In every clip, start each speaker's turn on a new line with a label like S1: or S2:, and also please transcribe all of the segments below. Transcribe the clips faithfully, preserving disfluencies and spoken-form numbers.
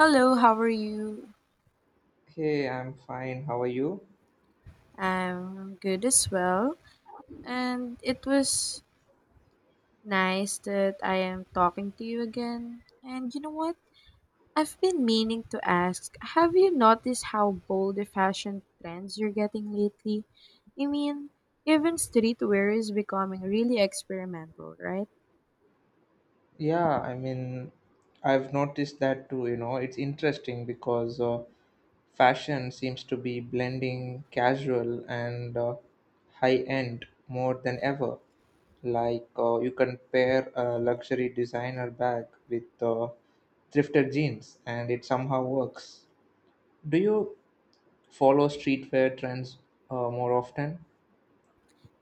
S1: Hello, how are you?
S2: Hey, I'm fine. How are you?
S1: I'm good as well. And it was nice that I am talking to you again. And you know what? I've been meaning to ask have you noticed how bold the fashion trends you're getting lately? I mean, even streetwear is becoming really experimental, right?
S2: Yeah, I mean, I've noticed that too, you know. It's interesting because uh, fashion seems to be blending casual and uh, high end more than ever. Like, uh, you can pair a luxury designer bag with uh, thrifted jeans, and it somehow works. Do you follow streetwear trends uh, more often?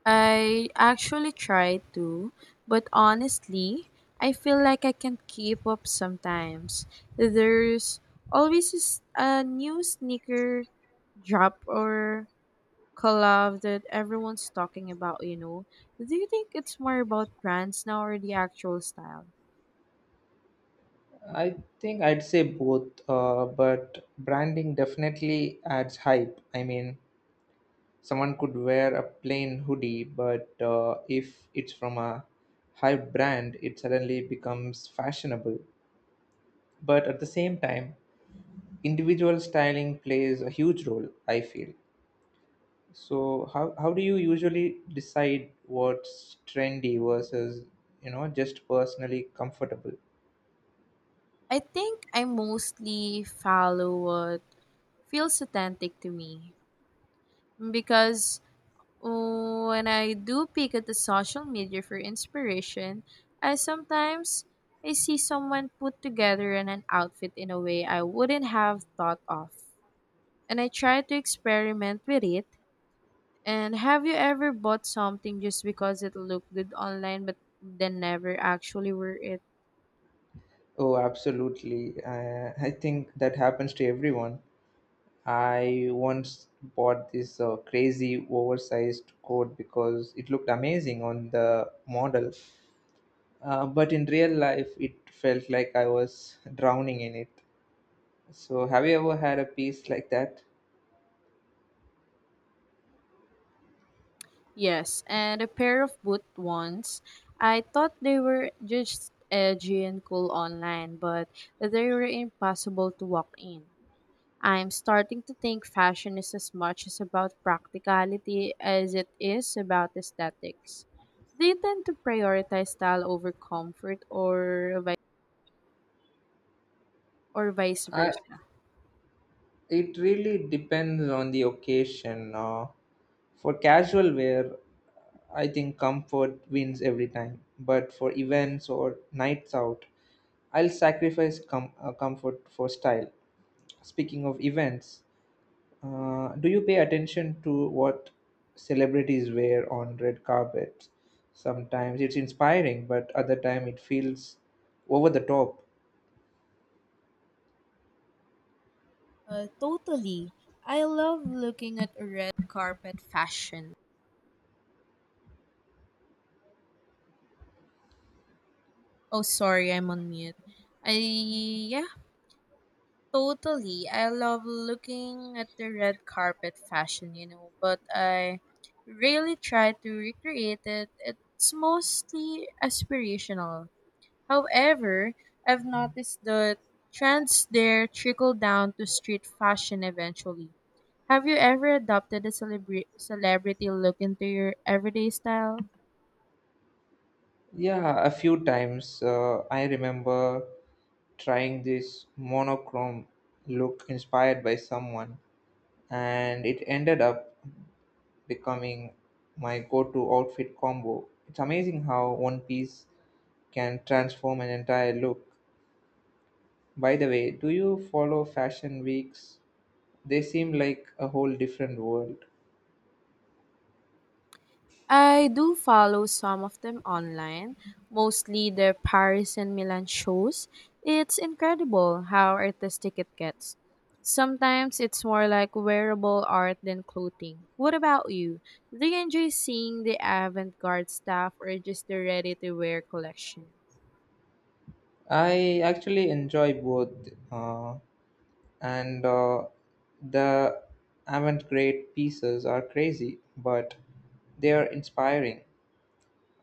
S1: I actually try to, but honestly, I feel like I can't keep up sometimes. There's always s- a new sneaker drop or collab that everyone's talking about, you know. Do you think it's more about brands now or the actual style?
S2: I think I'd say both, uh, but branding definitely adds hype. I mean, someone could wear a plain hoodie, but uh, if it's from a hype brand, it suddenly becomes fashionable. But at the same time, individual styling plays a huge role, I feel. So how, how do you usually decide what's trendy versus, you know, just personally comfortable?
S1: I think I mostly follow what feels authentic to me because Oh, when I do peek at the social media for inspiration, I sometimes I see someone put together an, an outfit in a way I wouldn't have thought of. And I try to experiment with it. And have you ever bought something just because it looked good online but then never actually wear it?
S2: Oh, absolutely. Uh, I think that happens to everyone. I once bought this uh, crazy oversized coat because it looked amazing on the model, uh, but in real life it felt like I was drowning in it. So, have you ever had a piece like that?
S1: Yes, and a pair of boot ones. I thought they were just edgy and cool online, but they were impossible to walk in. I'm starting to think fashion is as much as about practicality as it is about aesthetics. Do you tend to prioritize style over comfort or vi- or vice
S2: I,
S1: versa?
S2: it really depends on the occasion. Uh, for casual wear, I think comfort wins every time, but for events or nights out, I'll sacrifice com- uh, comfort for style. Speaking of events, Uh, do you pay attention to what celebrities wear on red carpets? Sometimes it's inspiring, but other time it feels over the top.
S1: Uh, totally. I love looking at red carpet fashion. Oh, sorry, I'm on mute. I Yeah, totally. I love looking at the red carpet fashion, you know, but I really try to recreate it. It's mostly aspirational. However, I've noticed the trends there trickle down to street fashion eventually. Have you ever adopted a celebra- celebrity look into your everyday style?
S2: Yeah, a few times uh, I remember trying this monochrome look inspired by someone, and it ended up becoming my go-to outfit combo. It's amazing how one piece can transform an entire look. By the way, do you follow fashion weeks? They seem like a whole different world.
S1: I do follow some of them online, mostly their Paris and Milan shows. It's incredible how artistic it gets. Sometimes it's more like wearable art than clothing. What about you? Do you enjoy seeing the avant garde stuff or just the ready to wear collection?
S2: I actually enjoy both, uh, and uh, the avant-garde pieces are crazy, but they are inspiring.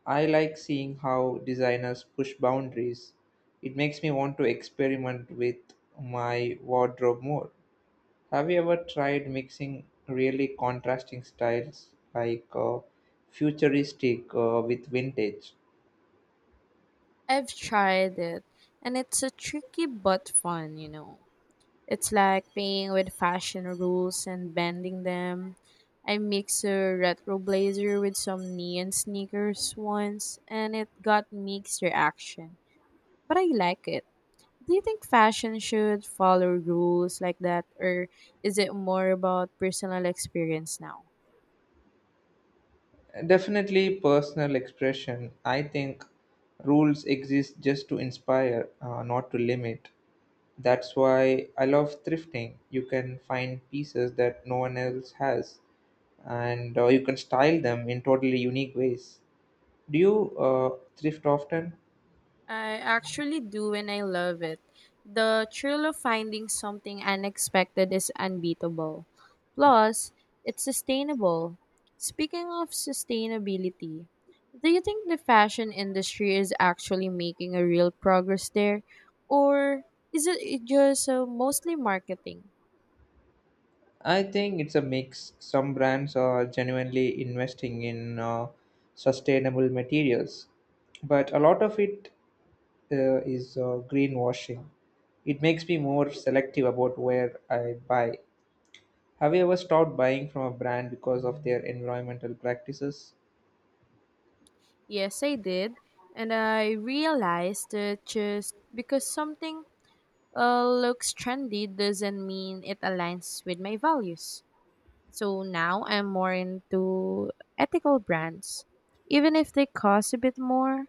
S2: I like seeing how designers push boundaries. It makes me want to experiment with my wardrobe more. Have you ever tried mixing really contrasting styles like uh, futuristic uh, with vintage?
S1: I've tried it, and it's a tricky but fun, you know. It's like playing with fashion rules and bending them. I mixed a retro blazer with some neon sneakers once, and it got mixed reaction, but I like it. Do you think fashion should follow rules like that, or is it more about personal experience now?
S2: Definitely personal expression. I think rules exist just to inspire, uh, not to limit. That's why I love thrifting. You can find pieces that no one else has, and uh, you can style them in totally unique ways. Do you uh, thrift often?
S1: I actually do and I love it. The thrill of finding something unexpected is unbeatable. Plus, it's sustainable. Speaking of sustainability, do you think the fashion industry is actually making a real progress there? Or is it it just uh, mostly marketing?
S2: I think it's a mix. Some brands are genuinely investing in uh, sustainable materials, but a lot of it uh, is uh, greenwashing. It makes me more selective about where I buy. Have you ever stopped buying from a brand because of their environmental practices?
S1: Yes, I did. And I realized that just because something uh, looks trendy doesn't mean it aligns with my values. So now I'm more into ethical brands, even if they cost a bit more.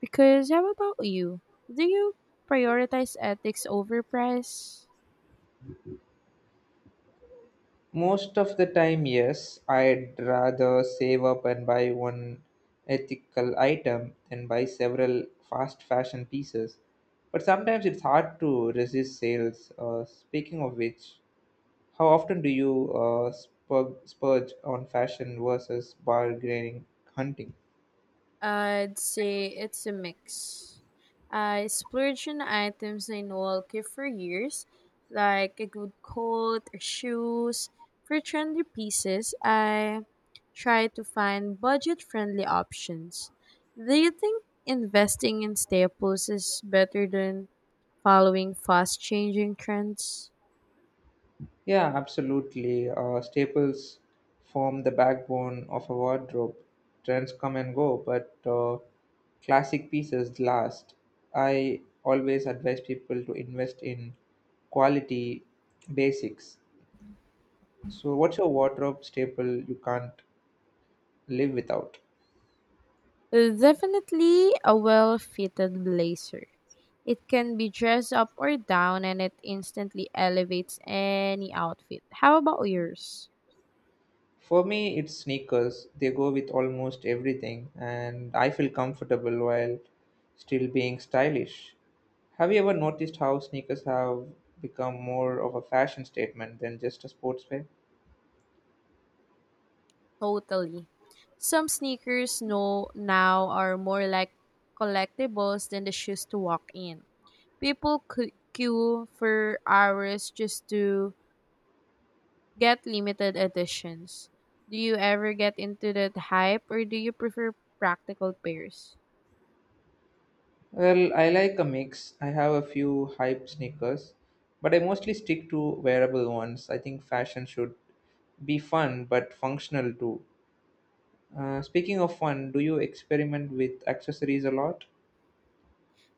S1: Because how about you? Do you prioritize ethics over price?
S2: Most of the time, yes. I'd rather save up and buy one ethical item than buy several fast fashion pieces. But sometimes it's hard to resist sales. Uh, speaking of which, how often do you uh, spur- spurge on fashion versus bargaining hunting?
S1: I'd say it's a mix. I splurge on items I know I'll keep for years, like a good coat or shoes. For trendy pieces, I try to find budget friendly options. Do you think investing in staples is better than following fast changing trends?
S2: Yeah, absolutely. Uh, staples form the backbone of a wardrobe. Trends come and go, but uh, classic pieces last. I always advise people to invest in quality basics. So, what's your wardrobe staple you can't live without?
S1: Definitely a well fitted blazer. It can be dressed up or down and it instantly elevates any outfit. How about yours?
S2: For me, it's sneakers. They go with almost everything, and I feel comfortable while still being stylish. Have you ever noticed how sneakers have become more of a fashion statement than just a sportswear?
S1: Totally. Some sneakers no, now are more like collectibles than the shoes to walk in. People cu- queue for hours just to get limited editions. Do you ever get into that hype or do you prefer practical pairs?
S2: Well, I like a mix. I have a few hype sneakers, but I mostly stick to wearable ones. I think fashion should be fun but functional too. Uh, speaking of fun, do you experiment with accessories a lot?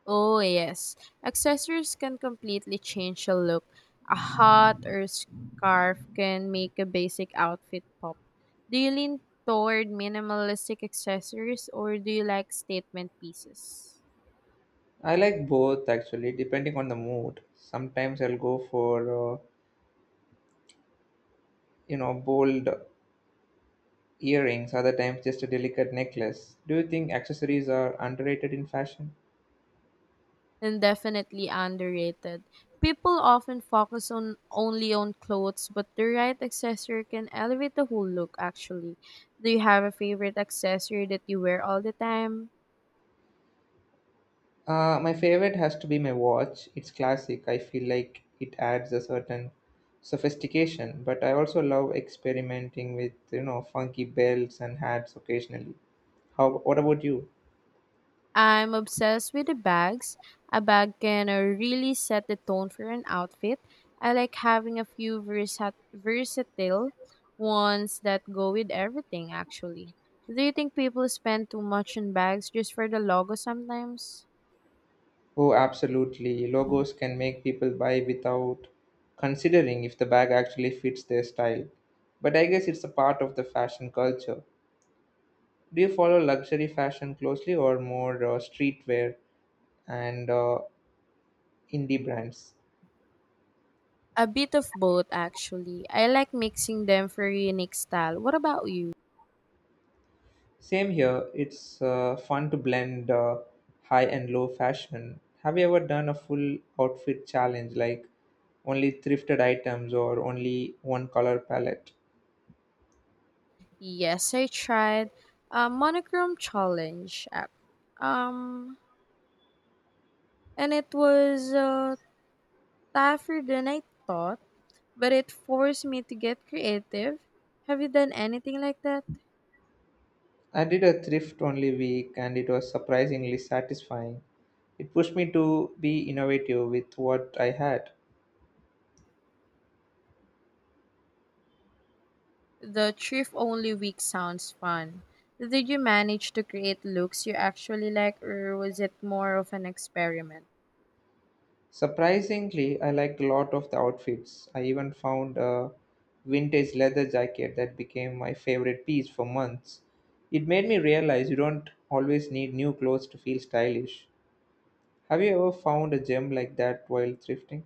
S1: Oh, yes. Accessories can completely change a look. A hat or scarf can make a basic outfit pop. Do you lean toward minimalistic accessories or do you like statement pieces?
S2: I like both actually, depending on the mood. Sometimes I'll go for, uh, you know, bold earrings, other times just a delicate necklace. Do you think accessories are underrated in fashion?
S1: And definitely underrated. People often focus on only on clothes, but the right accessory can elevate the whole look actually. Do you have a favorite accessory that you wear all the time?
S2: Uh, my favorite has to be my watch. It's classic. I feel like it adds a certain sophistication, but I also love experimenting with, you know, funky belts and hats occasionally. How, what about you?
S1: I'm obsessed with the bags. A bag can uh, really set the tone for an outfit. I like having a few versat- versatile ones that go with everything, actually. Do you think people spend too much on bags just for the logo sometimes?
S2: Oh, absolutely. Logos can make people buy without considering if the bag actually fits their style. But I guess it's a part of the fashion culture. Do you follow luxury fashion closely or more uh, streetwear and uh, indie brands?
S1: A bit of both, actually. I like mixing them for a unique style. What about you?
S2: Same here. It's uh, fun to blend uh, high and low fashion. Have you ever done a full outfit challenge like only thrifted items or only one color palette?
S1: Yes, I tried a monochrome challenge. ac- Um, and it was uh, tougher than I thought, but it forced me to get creative. Have you done anything like that?
S2: I did a thrift only week and it was surprisingly satisfying. It pushed me to be innovative with what I had.
S1: The thrift only week sounds fun. Did you manage to create looks you actually like, or was it more of an experiment?
S2: Surprisingly, I liked a lot of the outfits. I even found a vintage leather jacket that became my favorite piece for months. It made me realize you don't always need new clothes to feel stylish. Have you ever found a gem like that while thrifting?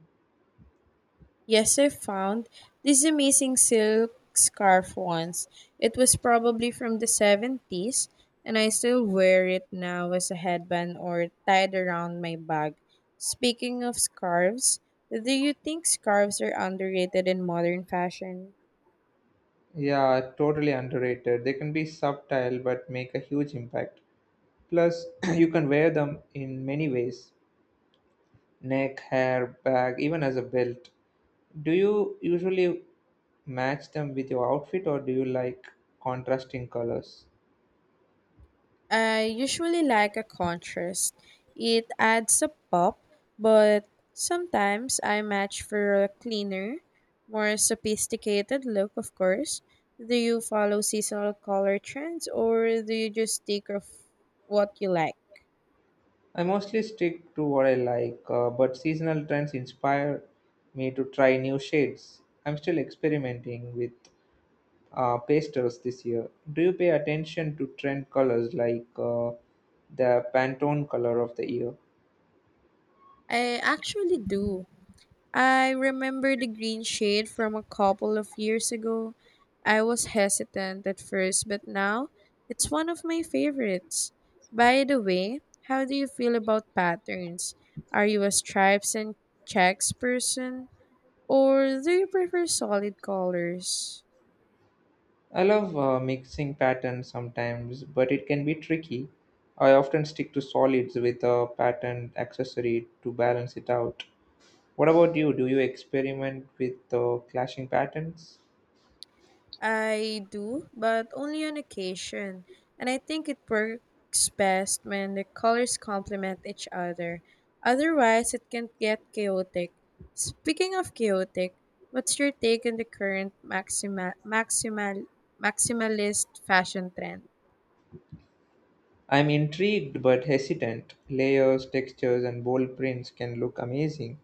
S1: Yes, I found this amazing silk scarf once. It was probably from the seventies, and I still wear it now as a headband or tied around my bag. Speaking of scarves, do you think scarves are underrated in modern fashion?
S2: Yeah, totally underrated. They can be subtle but make a huge impact. Plus, you can wear them in many ways neck, hair, bag, even as a belt. Do you usually match them with your outfit or do you like contrasting colors?
S1: I usually like a contrast. It adds a pop, but sometimes I match for a cleaner, more sophisticated look, of course. Do you follow seasonal color trends or do you just stick of what you like?
S2: I mostly stick to what I like, uh, but seasonal trends inspire me to try new shades. I'm still experimenting with uh, pastels this year. Do you pay attention to trend colors like uh, the Pantone color of the year?
S1: I actually do. I remember the green shade from a couple of years ago. I was hesitant at first, but now it's one of my favorites. By the way, how do you feel about patterns? Are you a stripes and checks person, or do you prefer solid colors?
S2: I love uh, mixing patterns sometimes, but it can be tricky. I often stick to solids with a pattern accessory to balance it out. What about you? Do you experiment with uh, clashing patterns?
S1: I do, but only on occasion. And I think it works best when the colors complement each other. Otherwise, it can get chaotic. Speaking of chaotic, what's your take on the current maxima- maximal- maximalist fashion trend?
S2: I'm intrigued but hesitant. Layers, textures, and bold prints can look amazing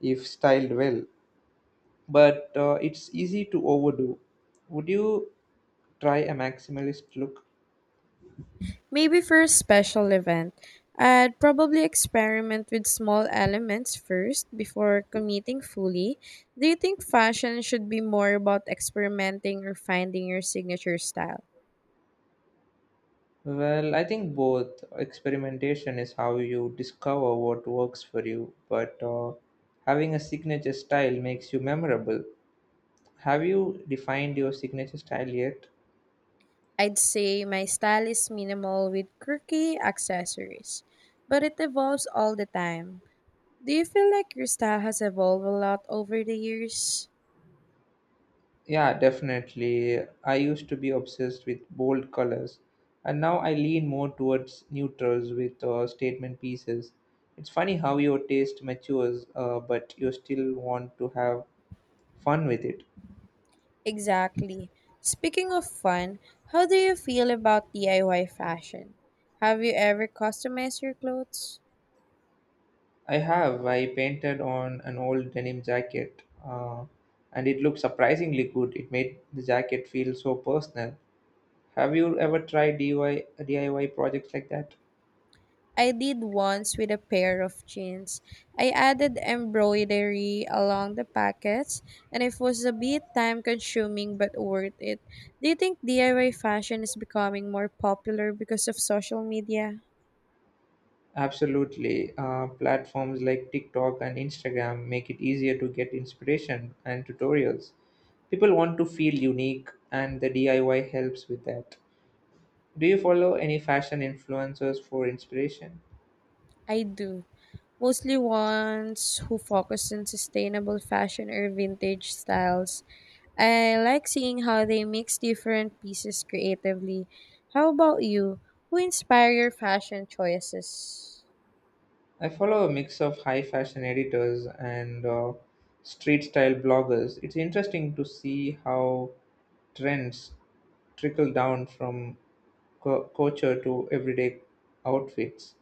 S2: if styled well, but uh, it's easy to overdo. Would you try a maximalist look?
S1: Maybe for a special event, I'd probably experiment with small elements first before committing fully. Do you think fashion should be more about experimenting or finding your signature style?
S2: Well, I think both. Experimentation is how you discover what works for you, but uh, having a signature style makes you memorable. Have you defined your signature style yet?
S1: I'd say my style is minimal with quirky accessories, but it evolves all the time. Do you feel like your style has evolved a lot over the years?
S2: Yeah, definitely. I used to be obsessed with bold colors, and now I lean more towards neutrals with uh, statement pieces. It's funny how your taste matures, uh, but you still want to have fun with it.
S1: Exactly. Speaking of fun, how do you feel about D I Y fashion? Have you ever customized your clothes?
S2: I have. I painted on an old denim jacket, uh, and it looked surprisingly good. It made the jacket feel so personal. Have you ever tried D I Y D I Y projects like that?
S1: I did once with a pair of jeans. I added embroidery along the pockets, and it was a bit time consuming but worth it. Do you think D I Y fashion is becoming more popular because of social media?
S2: Absolutely. Uh, platforms like TikTok and Instagram make it easier to get inspiration and tutorials. People want to feel unique, and the D I Y helps with that. Do you follow any fashion influencers for inspiration?
S1: I do. Mostly ones who focus on sustainable fashion or vintage styles. I like seeing how they mix different pieces creatively. How about you? Who inspire your fashion choices?
S2: I follow a mix of high fashion editors and uh, street style bloggers. It's interesting to see how trends trickle down from co- culture to everyday outfits.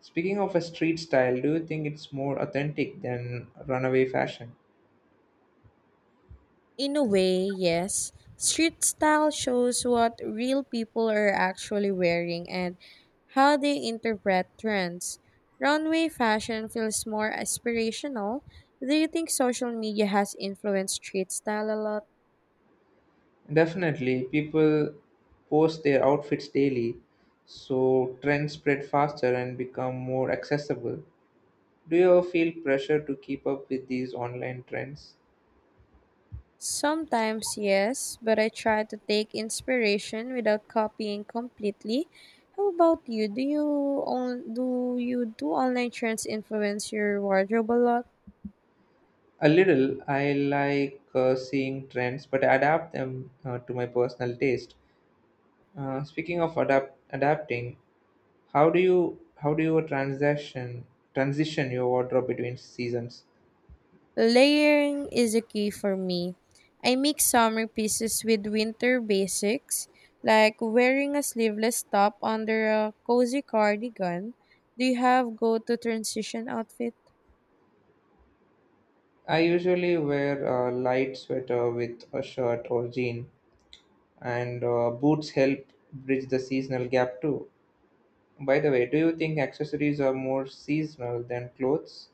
S2: Speaking of a street style, do you think it's more authentic than runaway fashion?
S1: In a way, yes. Street style shows what real people are actually wearing and how they interpret trends. Runway fashion feels more aspirational. Do you think social media has influenced street style a lot?
S2: Definitely, people post their outfits daily, so trends spread faster and become more accessible. Do you ever feel pressure to keep up with these online trends?
S1: Sometimes, yes, but I try to take inspiration without copying completely. How about you? Do you on, do you do online trends influence your wardrobe a lot?
S2: A little. I like uh, seeing trends, but I adapt them uh, to my personal taste. Uh, speaking of adapt adapting, how do you how do you transition transition your wardrobe between seasons?
S1: Layering is a key for me. I mix summer pieces with winter basics, like wearing a sleeveless top under a cozy cardigan. Do you have go-to transition outfit?
S2: I usually wear a light sweater with a shirt or jean, and uh, boots help bridge the seasonal gap too. By the way, do you think accessories are more seasonal than clothes?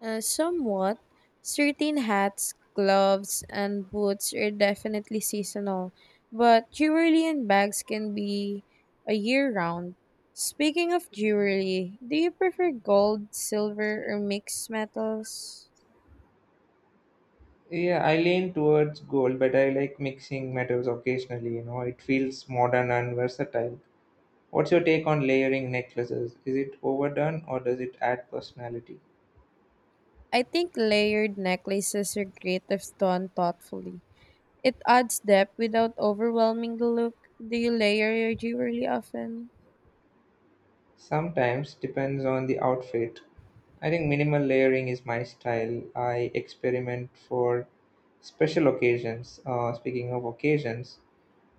S1: Uh, somewhat. Certain hats, gloves, and boots are definitely seasonal, but jewelry and bags can be a year round. Speaking of jewelry, do you prefer gold, silver, or mixed metals?
S2: Yeah, I lean towards gold, but I like mixing metals occasionally, you know. It feels modern and versatile. What's your take on layering necklaces? Is it overdone or does it add personality?
S1: I think layered necklaces are great if done thoughtfully. It adds depth without overwhelming the look. Do you layer your jewelry often?
S2: Sometimes depends on the outfit. I think minimal layering is my style. I experiment for special occasions. Uh, speaking of occasions,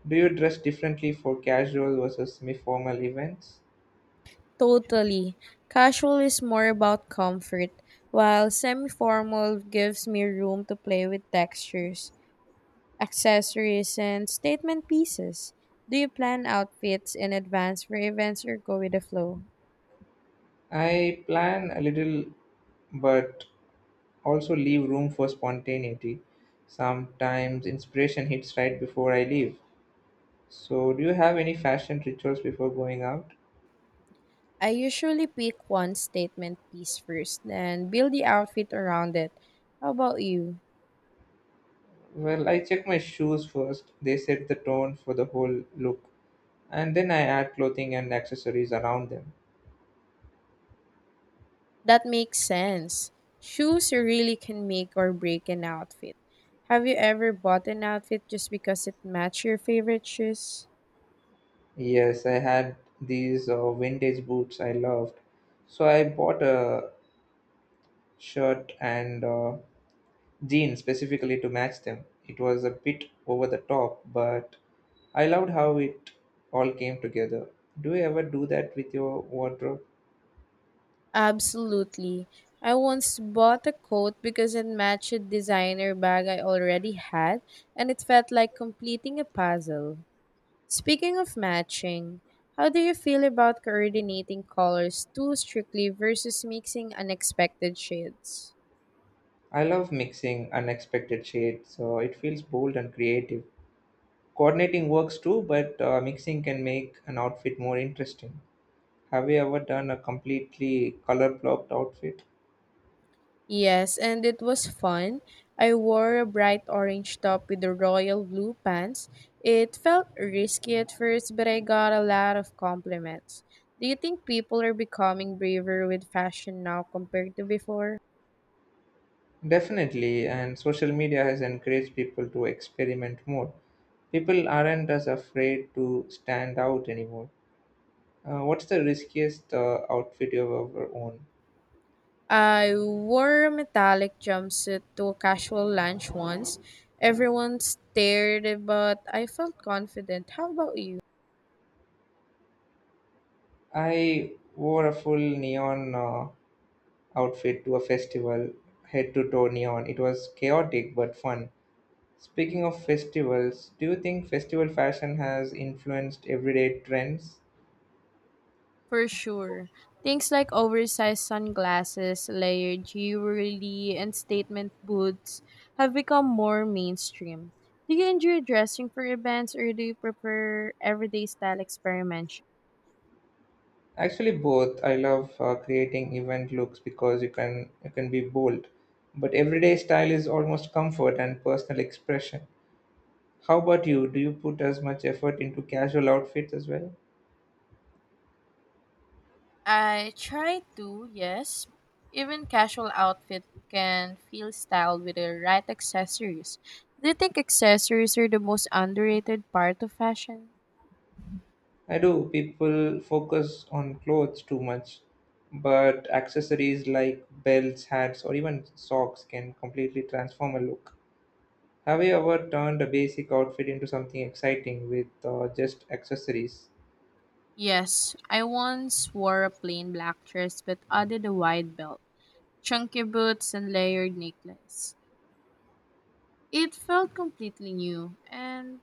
S2: do you dress differently for casual versus semi formal events?
S1: Totally. Casual is more about comfort, while semi formal gives me room to play with textures, accessories, and statement pieces. Do you plan outfits in advance for events or go with the flow?
S2: I plan a little, but also leave room for spontaneity. Sometimes inspiration hits right before I leave. So, do you have any fashion rituals before going out?
S1: I usually pick one statement piece first, then build the outfit around it. How about you?
S2: Well, I check my shoes first. They set the tone for the whole look. And then I add clothing and accessories around them.
S1: That makes sense. Shoes really can make or break an outfit. Have you ever bought an outfit just because it matched your favorite shoes?
S2: Yes, I had these uh, vintage boots I loved. So I bought a shirt and uh, Gene specifically to match them. It was a bit over the top, but I loved how it all came together. Do you ever do that with your wardrobe?
S1: Absolutely. I once bought a coat because it matched a designer bag I already had, and it felt like completing a puzzle. Speaking of matching, how do you feel about coordinating colors too strictly versus mixing unexpected shades?
S2: I love mixing unexpected shades, so it feels bold and creative. Coordinating works too, but uh, mixing can make an outfit more interesting. Have you ever done a completely color blocked outfit?
S1: Yes, and it was fun. I wore a bright orange top with the royal blue pants. It felt risky at first, but I got a lot of compliments. Do you think people are becoming braver with fashion now compared to before?
S2: Definitely, and social media has encouraged people to experiment more. People aren't as afraid to stand out anymore. Uh, what's the riskiest uh, outfit you've ever owned?
S1: I wore a metallic jumpsuit to a casual lunch once. Everyone stared, but I felt confident. How about you?
S2: I wore a full neon uh, outfit to a festival, head to toe neon. It was chaotic but fun. Speaking of festivals, do you think festival fashion has influenced everyday trends?
S1: For sure. Things like oversized sunglasses, layered jewelry, and statement boots have become more mainstream. Do you enjoy dressing for events or do you prefer everyday style experiments?
S2: Actually, both. I love uh, creating event looks because you can you can be bold, but everyday style is almost comfort and personal expression. How about you? Do you put as much effort into casual outfits as well?
S1: I try to, yes. Even casual outfit can feel styled with the right accessories. Do you think accessories are the most underrated part of fashion?
S2: I do. People focus on clothes too much, but accessories like belts, hats, or even socks can completely transform a look. Have you ever turned a basic outfit into something exciting with uh, just accessories?
S1: Yes, I once wore a plain black dress but added a wide belt, chunky boots, and layered necklace. It felt completely new. And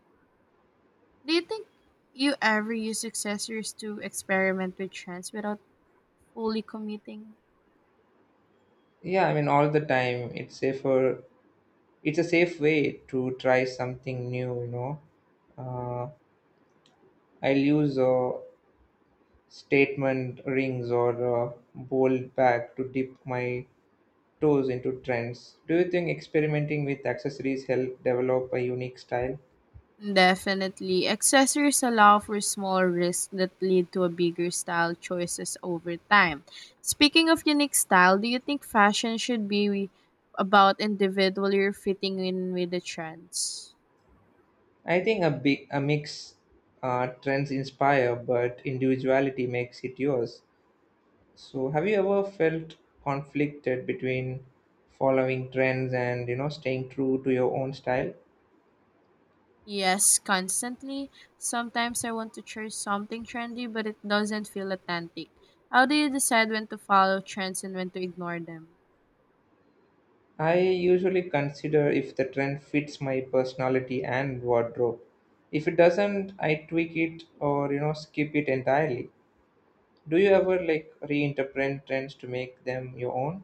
S1: do you think you ever use accessories to experiment with trends without fully committing?
S2: Yeah, I mean, all the time. It's safer. It's a safe way to try something new, you know. Uh, I'll use uh, statement rings or uh, bold bag to dip my toes into trends. Do you think experimenting with accessories help develop a unique style?
S1: Definitely. Accessories allow for small risks that lead to a bigger style choices over time. Speaking of unique style, do you think fashion should be about individually fitting in with the trends?
S2: I think a big a mix uh, trends inspire, but individuality makes it yours. So, have you ever felt conflicted between following trends and you know staying true to your own style?
S1: Yes, constantly. Sometimes I want to chase something trendy, but it doesn't feel authentic. How do you decide when to follow trends and when to ignore them?
S2: I usually consider if the trend fits my personality and wardrobe. If it doesn't, I tweak it or you know skip it entirely. Do you ever like reinterpret trends to make them your own?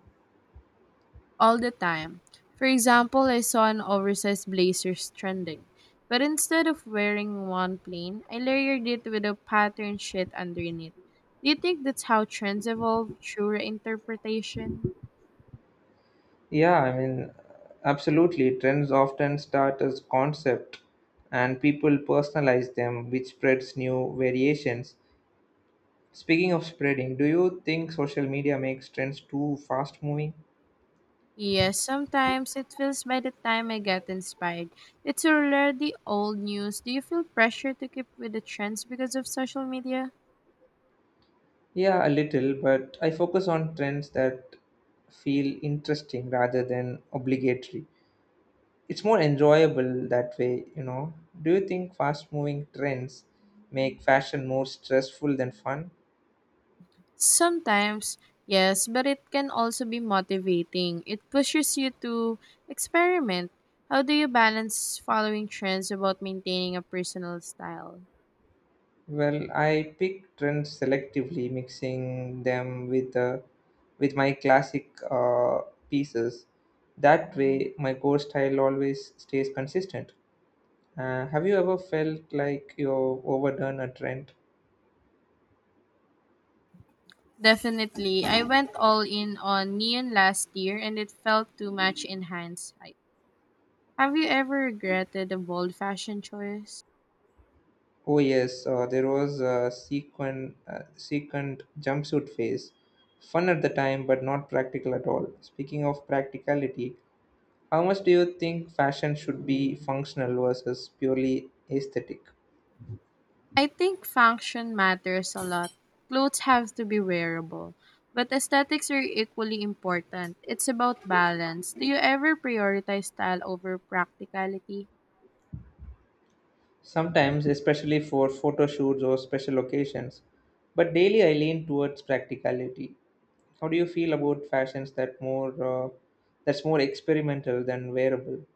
S1: All the time. For example, I saw an oversized blazers trending, but instead of wearing one plain, I layered it with a pattern sheet underneath. Do you think that's how trends evolve through interpretation?
S2: Yeah, I mean, absolutely. Trends often start as concept and people personalize them, which spreads new variations. Speaking of spreading, do you think social media makes trends too fast moving?
S1: Yes, sometimes it feels by the time I get inspired. It's already old news. Do you feel pressure to keep with the trends because of social media?
S2: Yeah, a little, but I focus on trends that feel interesting rather than obligatory. It's more enjoyable that way, you know. Do you think fast moving trends make fashion more stressful than fun?
S1: Sometimes, yes, but it can also be motivating. It pushes you to experiment. How do you balance following trends about maintaining a personal style?
S2: Well, I pick trends selectively, mixing them with uh, with my classic uh, pieces. That way, my core style always stays consistent. Uh, have you ever felt like you've overdone a trend?
S1: Definitely. I went all in on neon last year and it felt too much in hindsight. Have you ever regretted a bold fashion choice?
S2: Oh yes, uh, there was a sequent, uh, sequent jumpsuit phase. Fun at the time, but not practical at all. Speaking of practicality, how much do you think fashion should be functional versus purely aesthetic?
S1: I think function matters a lot. Clothes have to be wearable, but aesthetics are equally important. It's about balance. Do you ever prioritize style over practicality?
S2: Sometimes, especially for photo shoots or special occasions, but daily I lean towards practicality. How do you feel about fashions that more uh, that's more experimental than wearable?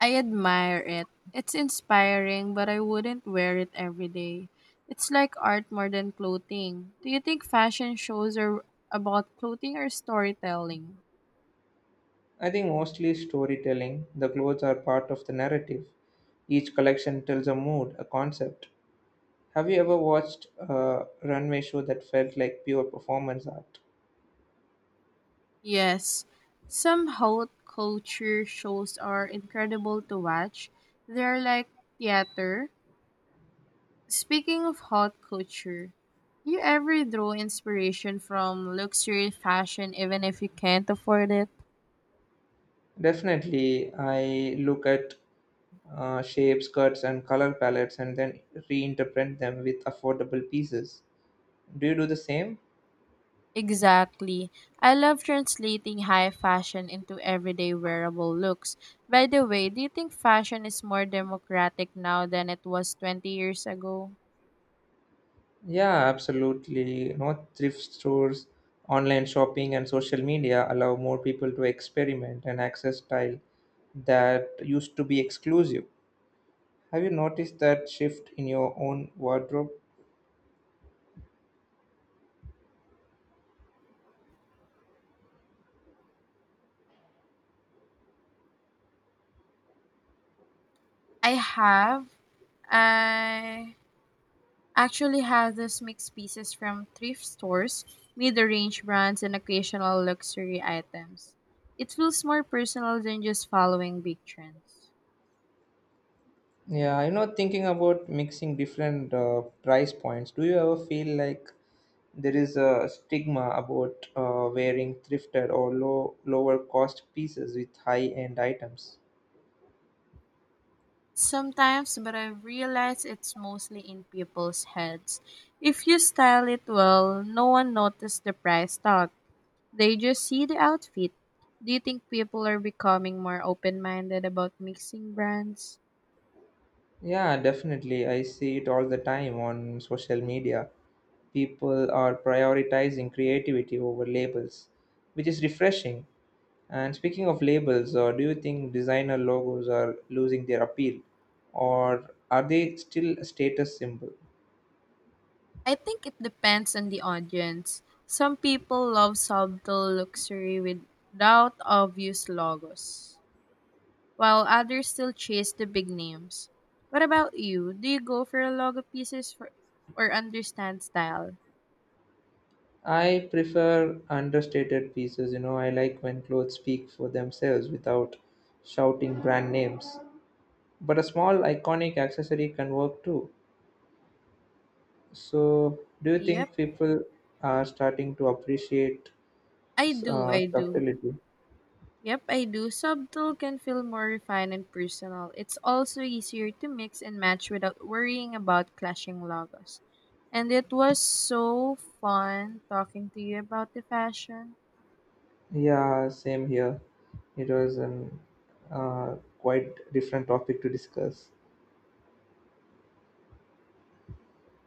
S1: I admire it. It's inspiring, but I wouldn't wear it every day. It's like art more than clothing. Do you think fashion shows are about clothing or storytelling?
S2: I think mostly storytelling. The clothes are part of the narrative. Each collection tells a mood, a concept. Have you ever watched a runway show that felt like pure performance art?
S1: Yes, some haute culture shows are incredible to watch. They're like theater. Speaking of haute culture, do you ever draw inspiration from luxury fashion even if you can't afford it?
S2: Definitely, I look at uh, shapes, cuts, and color palettes and then reinterpret them with affordable pieces. Do you do the same?
S1: Exactly. I love translating high fashion into everyday wearable looks. By the way, do you think fashion is more democratic now than it was twenty years ago?
S2: Yeah, absolutely. You know, thrift stores, online shopping, and social media allow more people to experiment and access style that used to be exclusive. Have you noticed that shift in your own wardrobe?
S1: I have. I actually have this mixed pieces from thrift stores, mid-range brands, and occasional luxury items. It feels more personal than just following big trends.
S2: Yeah, you know, thinking about mixing different uh, price points, do you ever feel like there is a stigma about uh, wearing thrifted or low lower cost pieces with high end items?
S1: Sometimes, but I've realized it's mostly in people's heads. If you style it well, no one notices the price tag. They just see the outfit. Do you think people are becoming more open-minded about mixing brands?
S2: Yeah, definitely. I see it all the time on social media. People are prioritizing creativity over labels, which is refreshing. And speaking of labels, uh, do you think designer logos are losing their appeal, or are they still a status symbol?
S1: I think it depends on the audience. Some people love subtle luxury without obvious logos, while others still chase the big names. What about you? Do you go for logo pieces for, or understand style?
S2: I prefer understated pieces. You know, I like when clothes speak for themselves without shouting brand names. But a small iconic accessory can work too. So, do you
S1: Yep,
S2: think people are starting to appreciate
S1: I do.
S2: uh,
S1: I do.
S2: subtlety?
S1: Yep, I do. Subtle can feel more refined and personal. It's also easier to mix and match without worrying about clashing logos. And it was so fun talking to you about the fashion.
S2: Yeah, same here. It was an uh, quite different topic to discuss.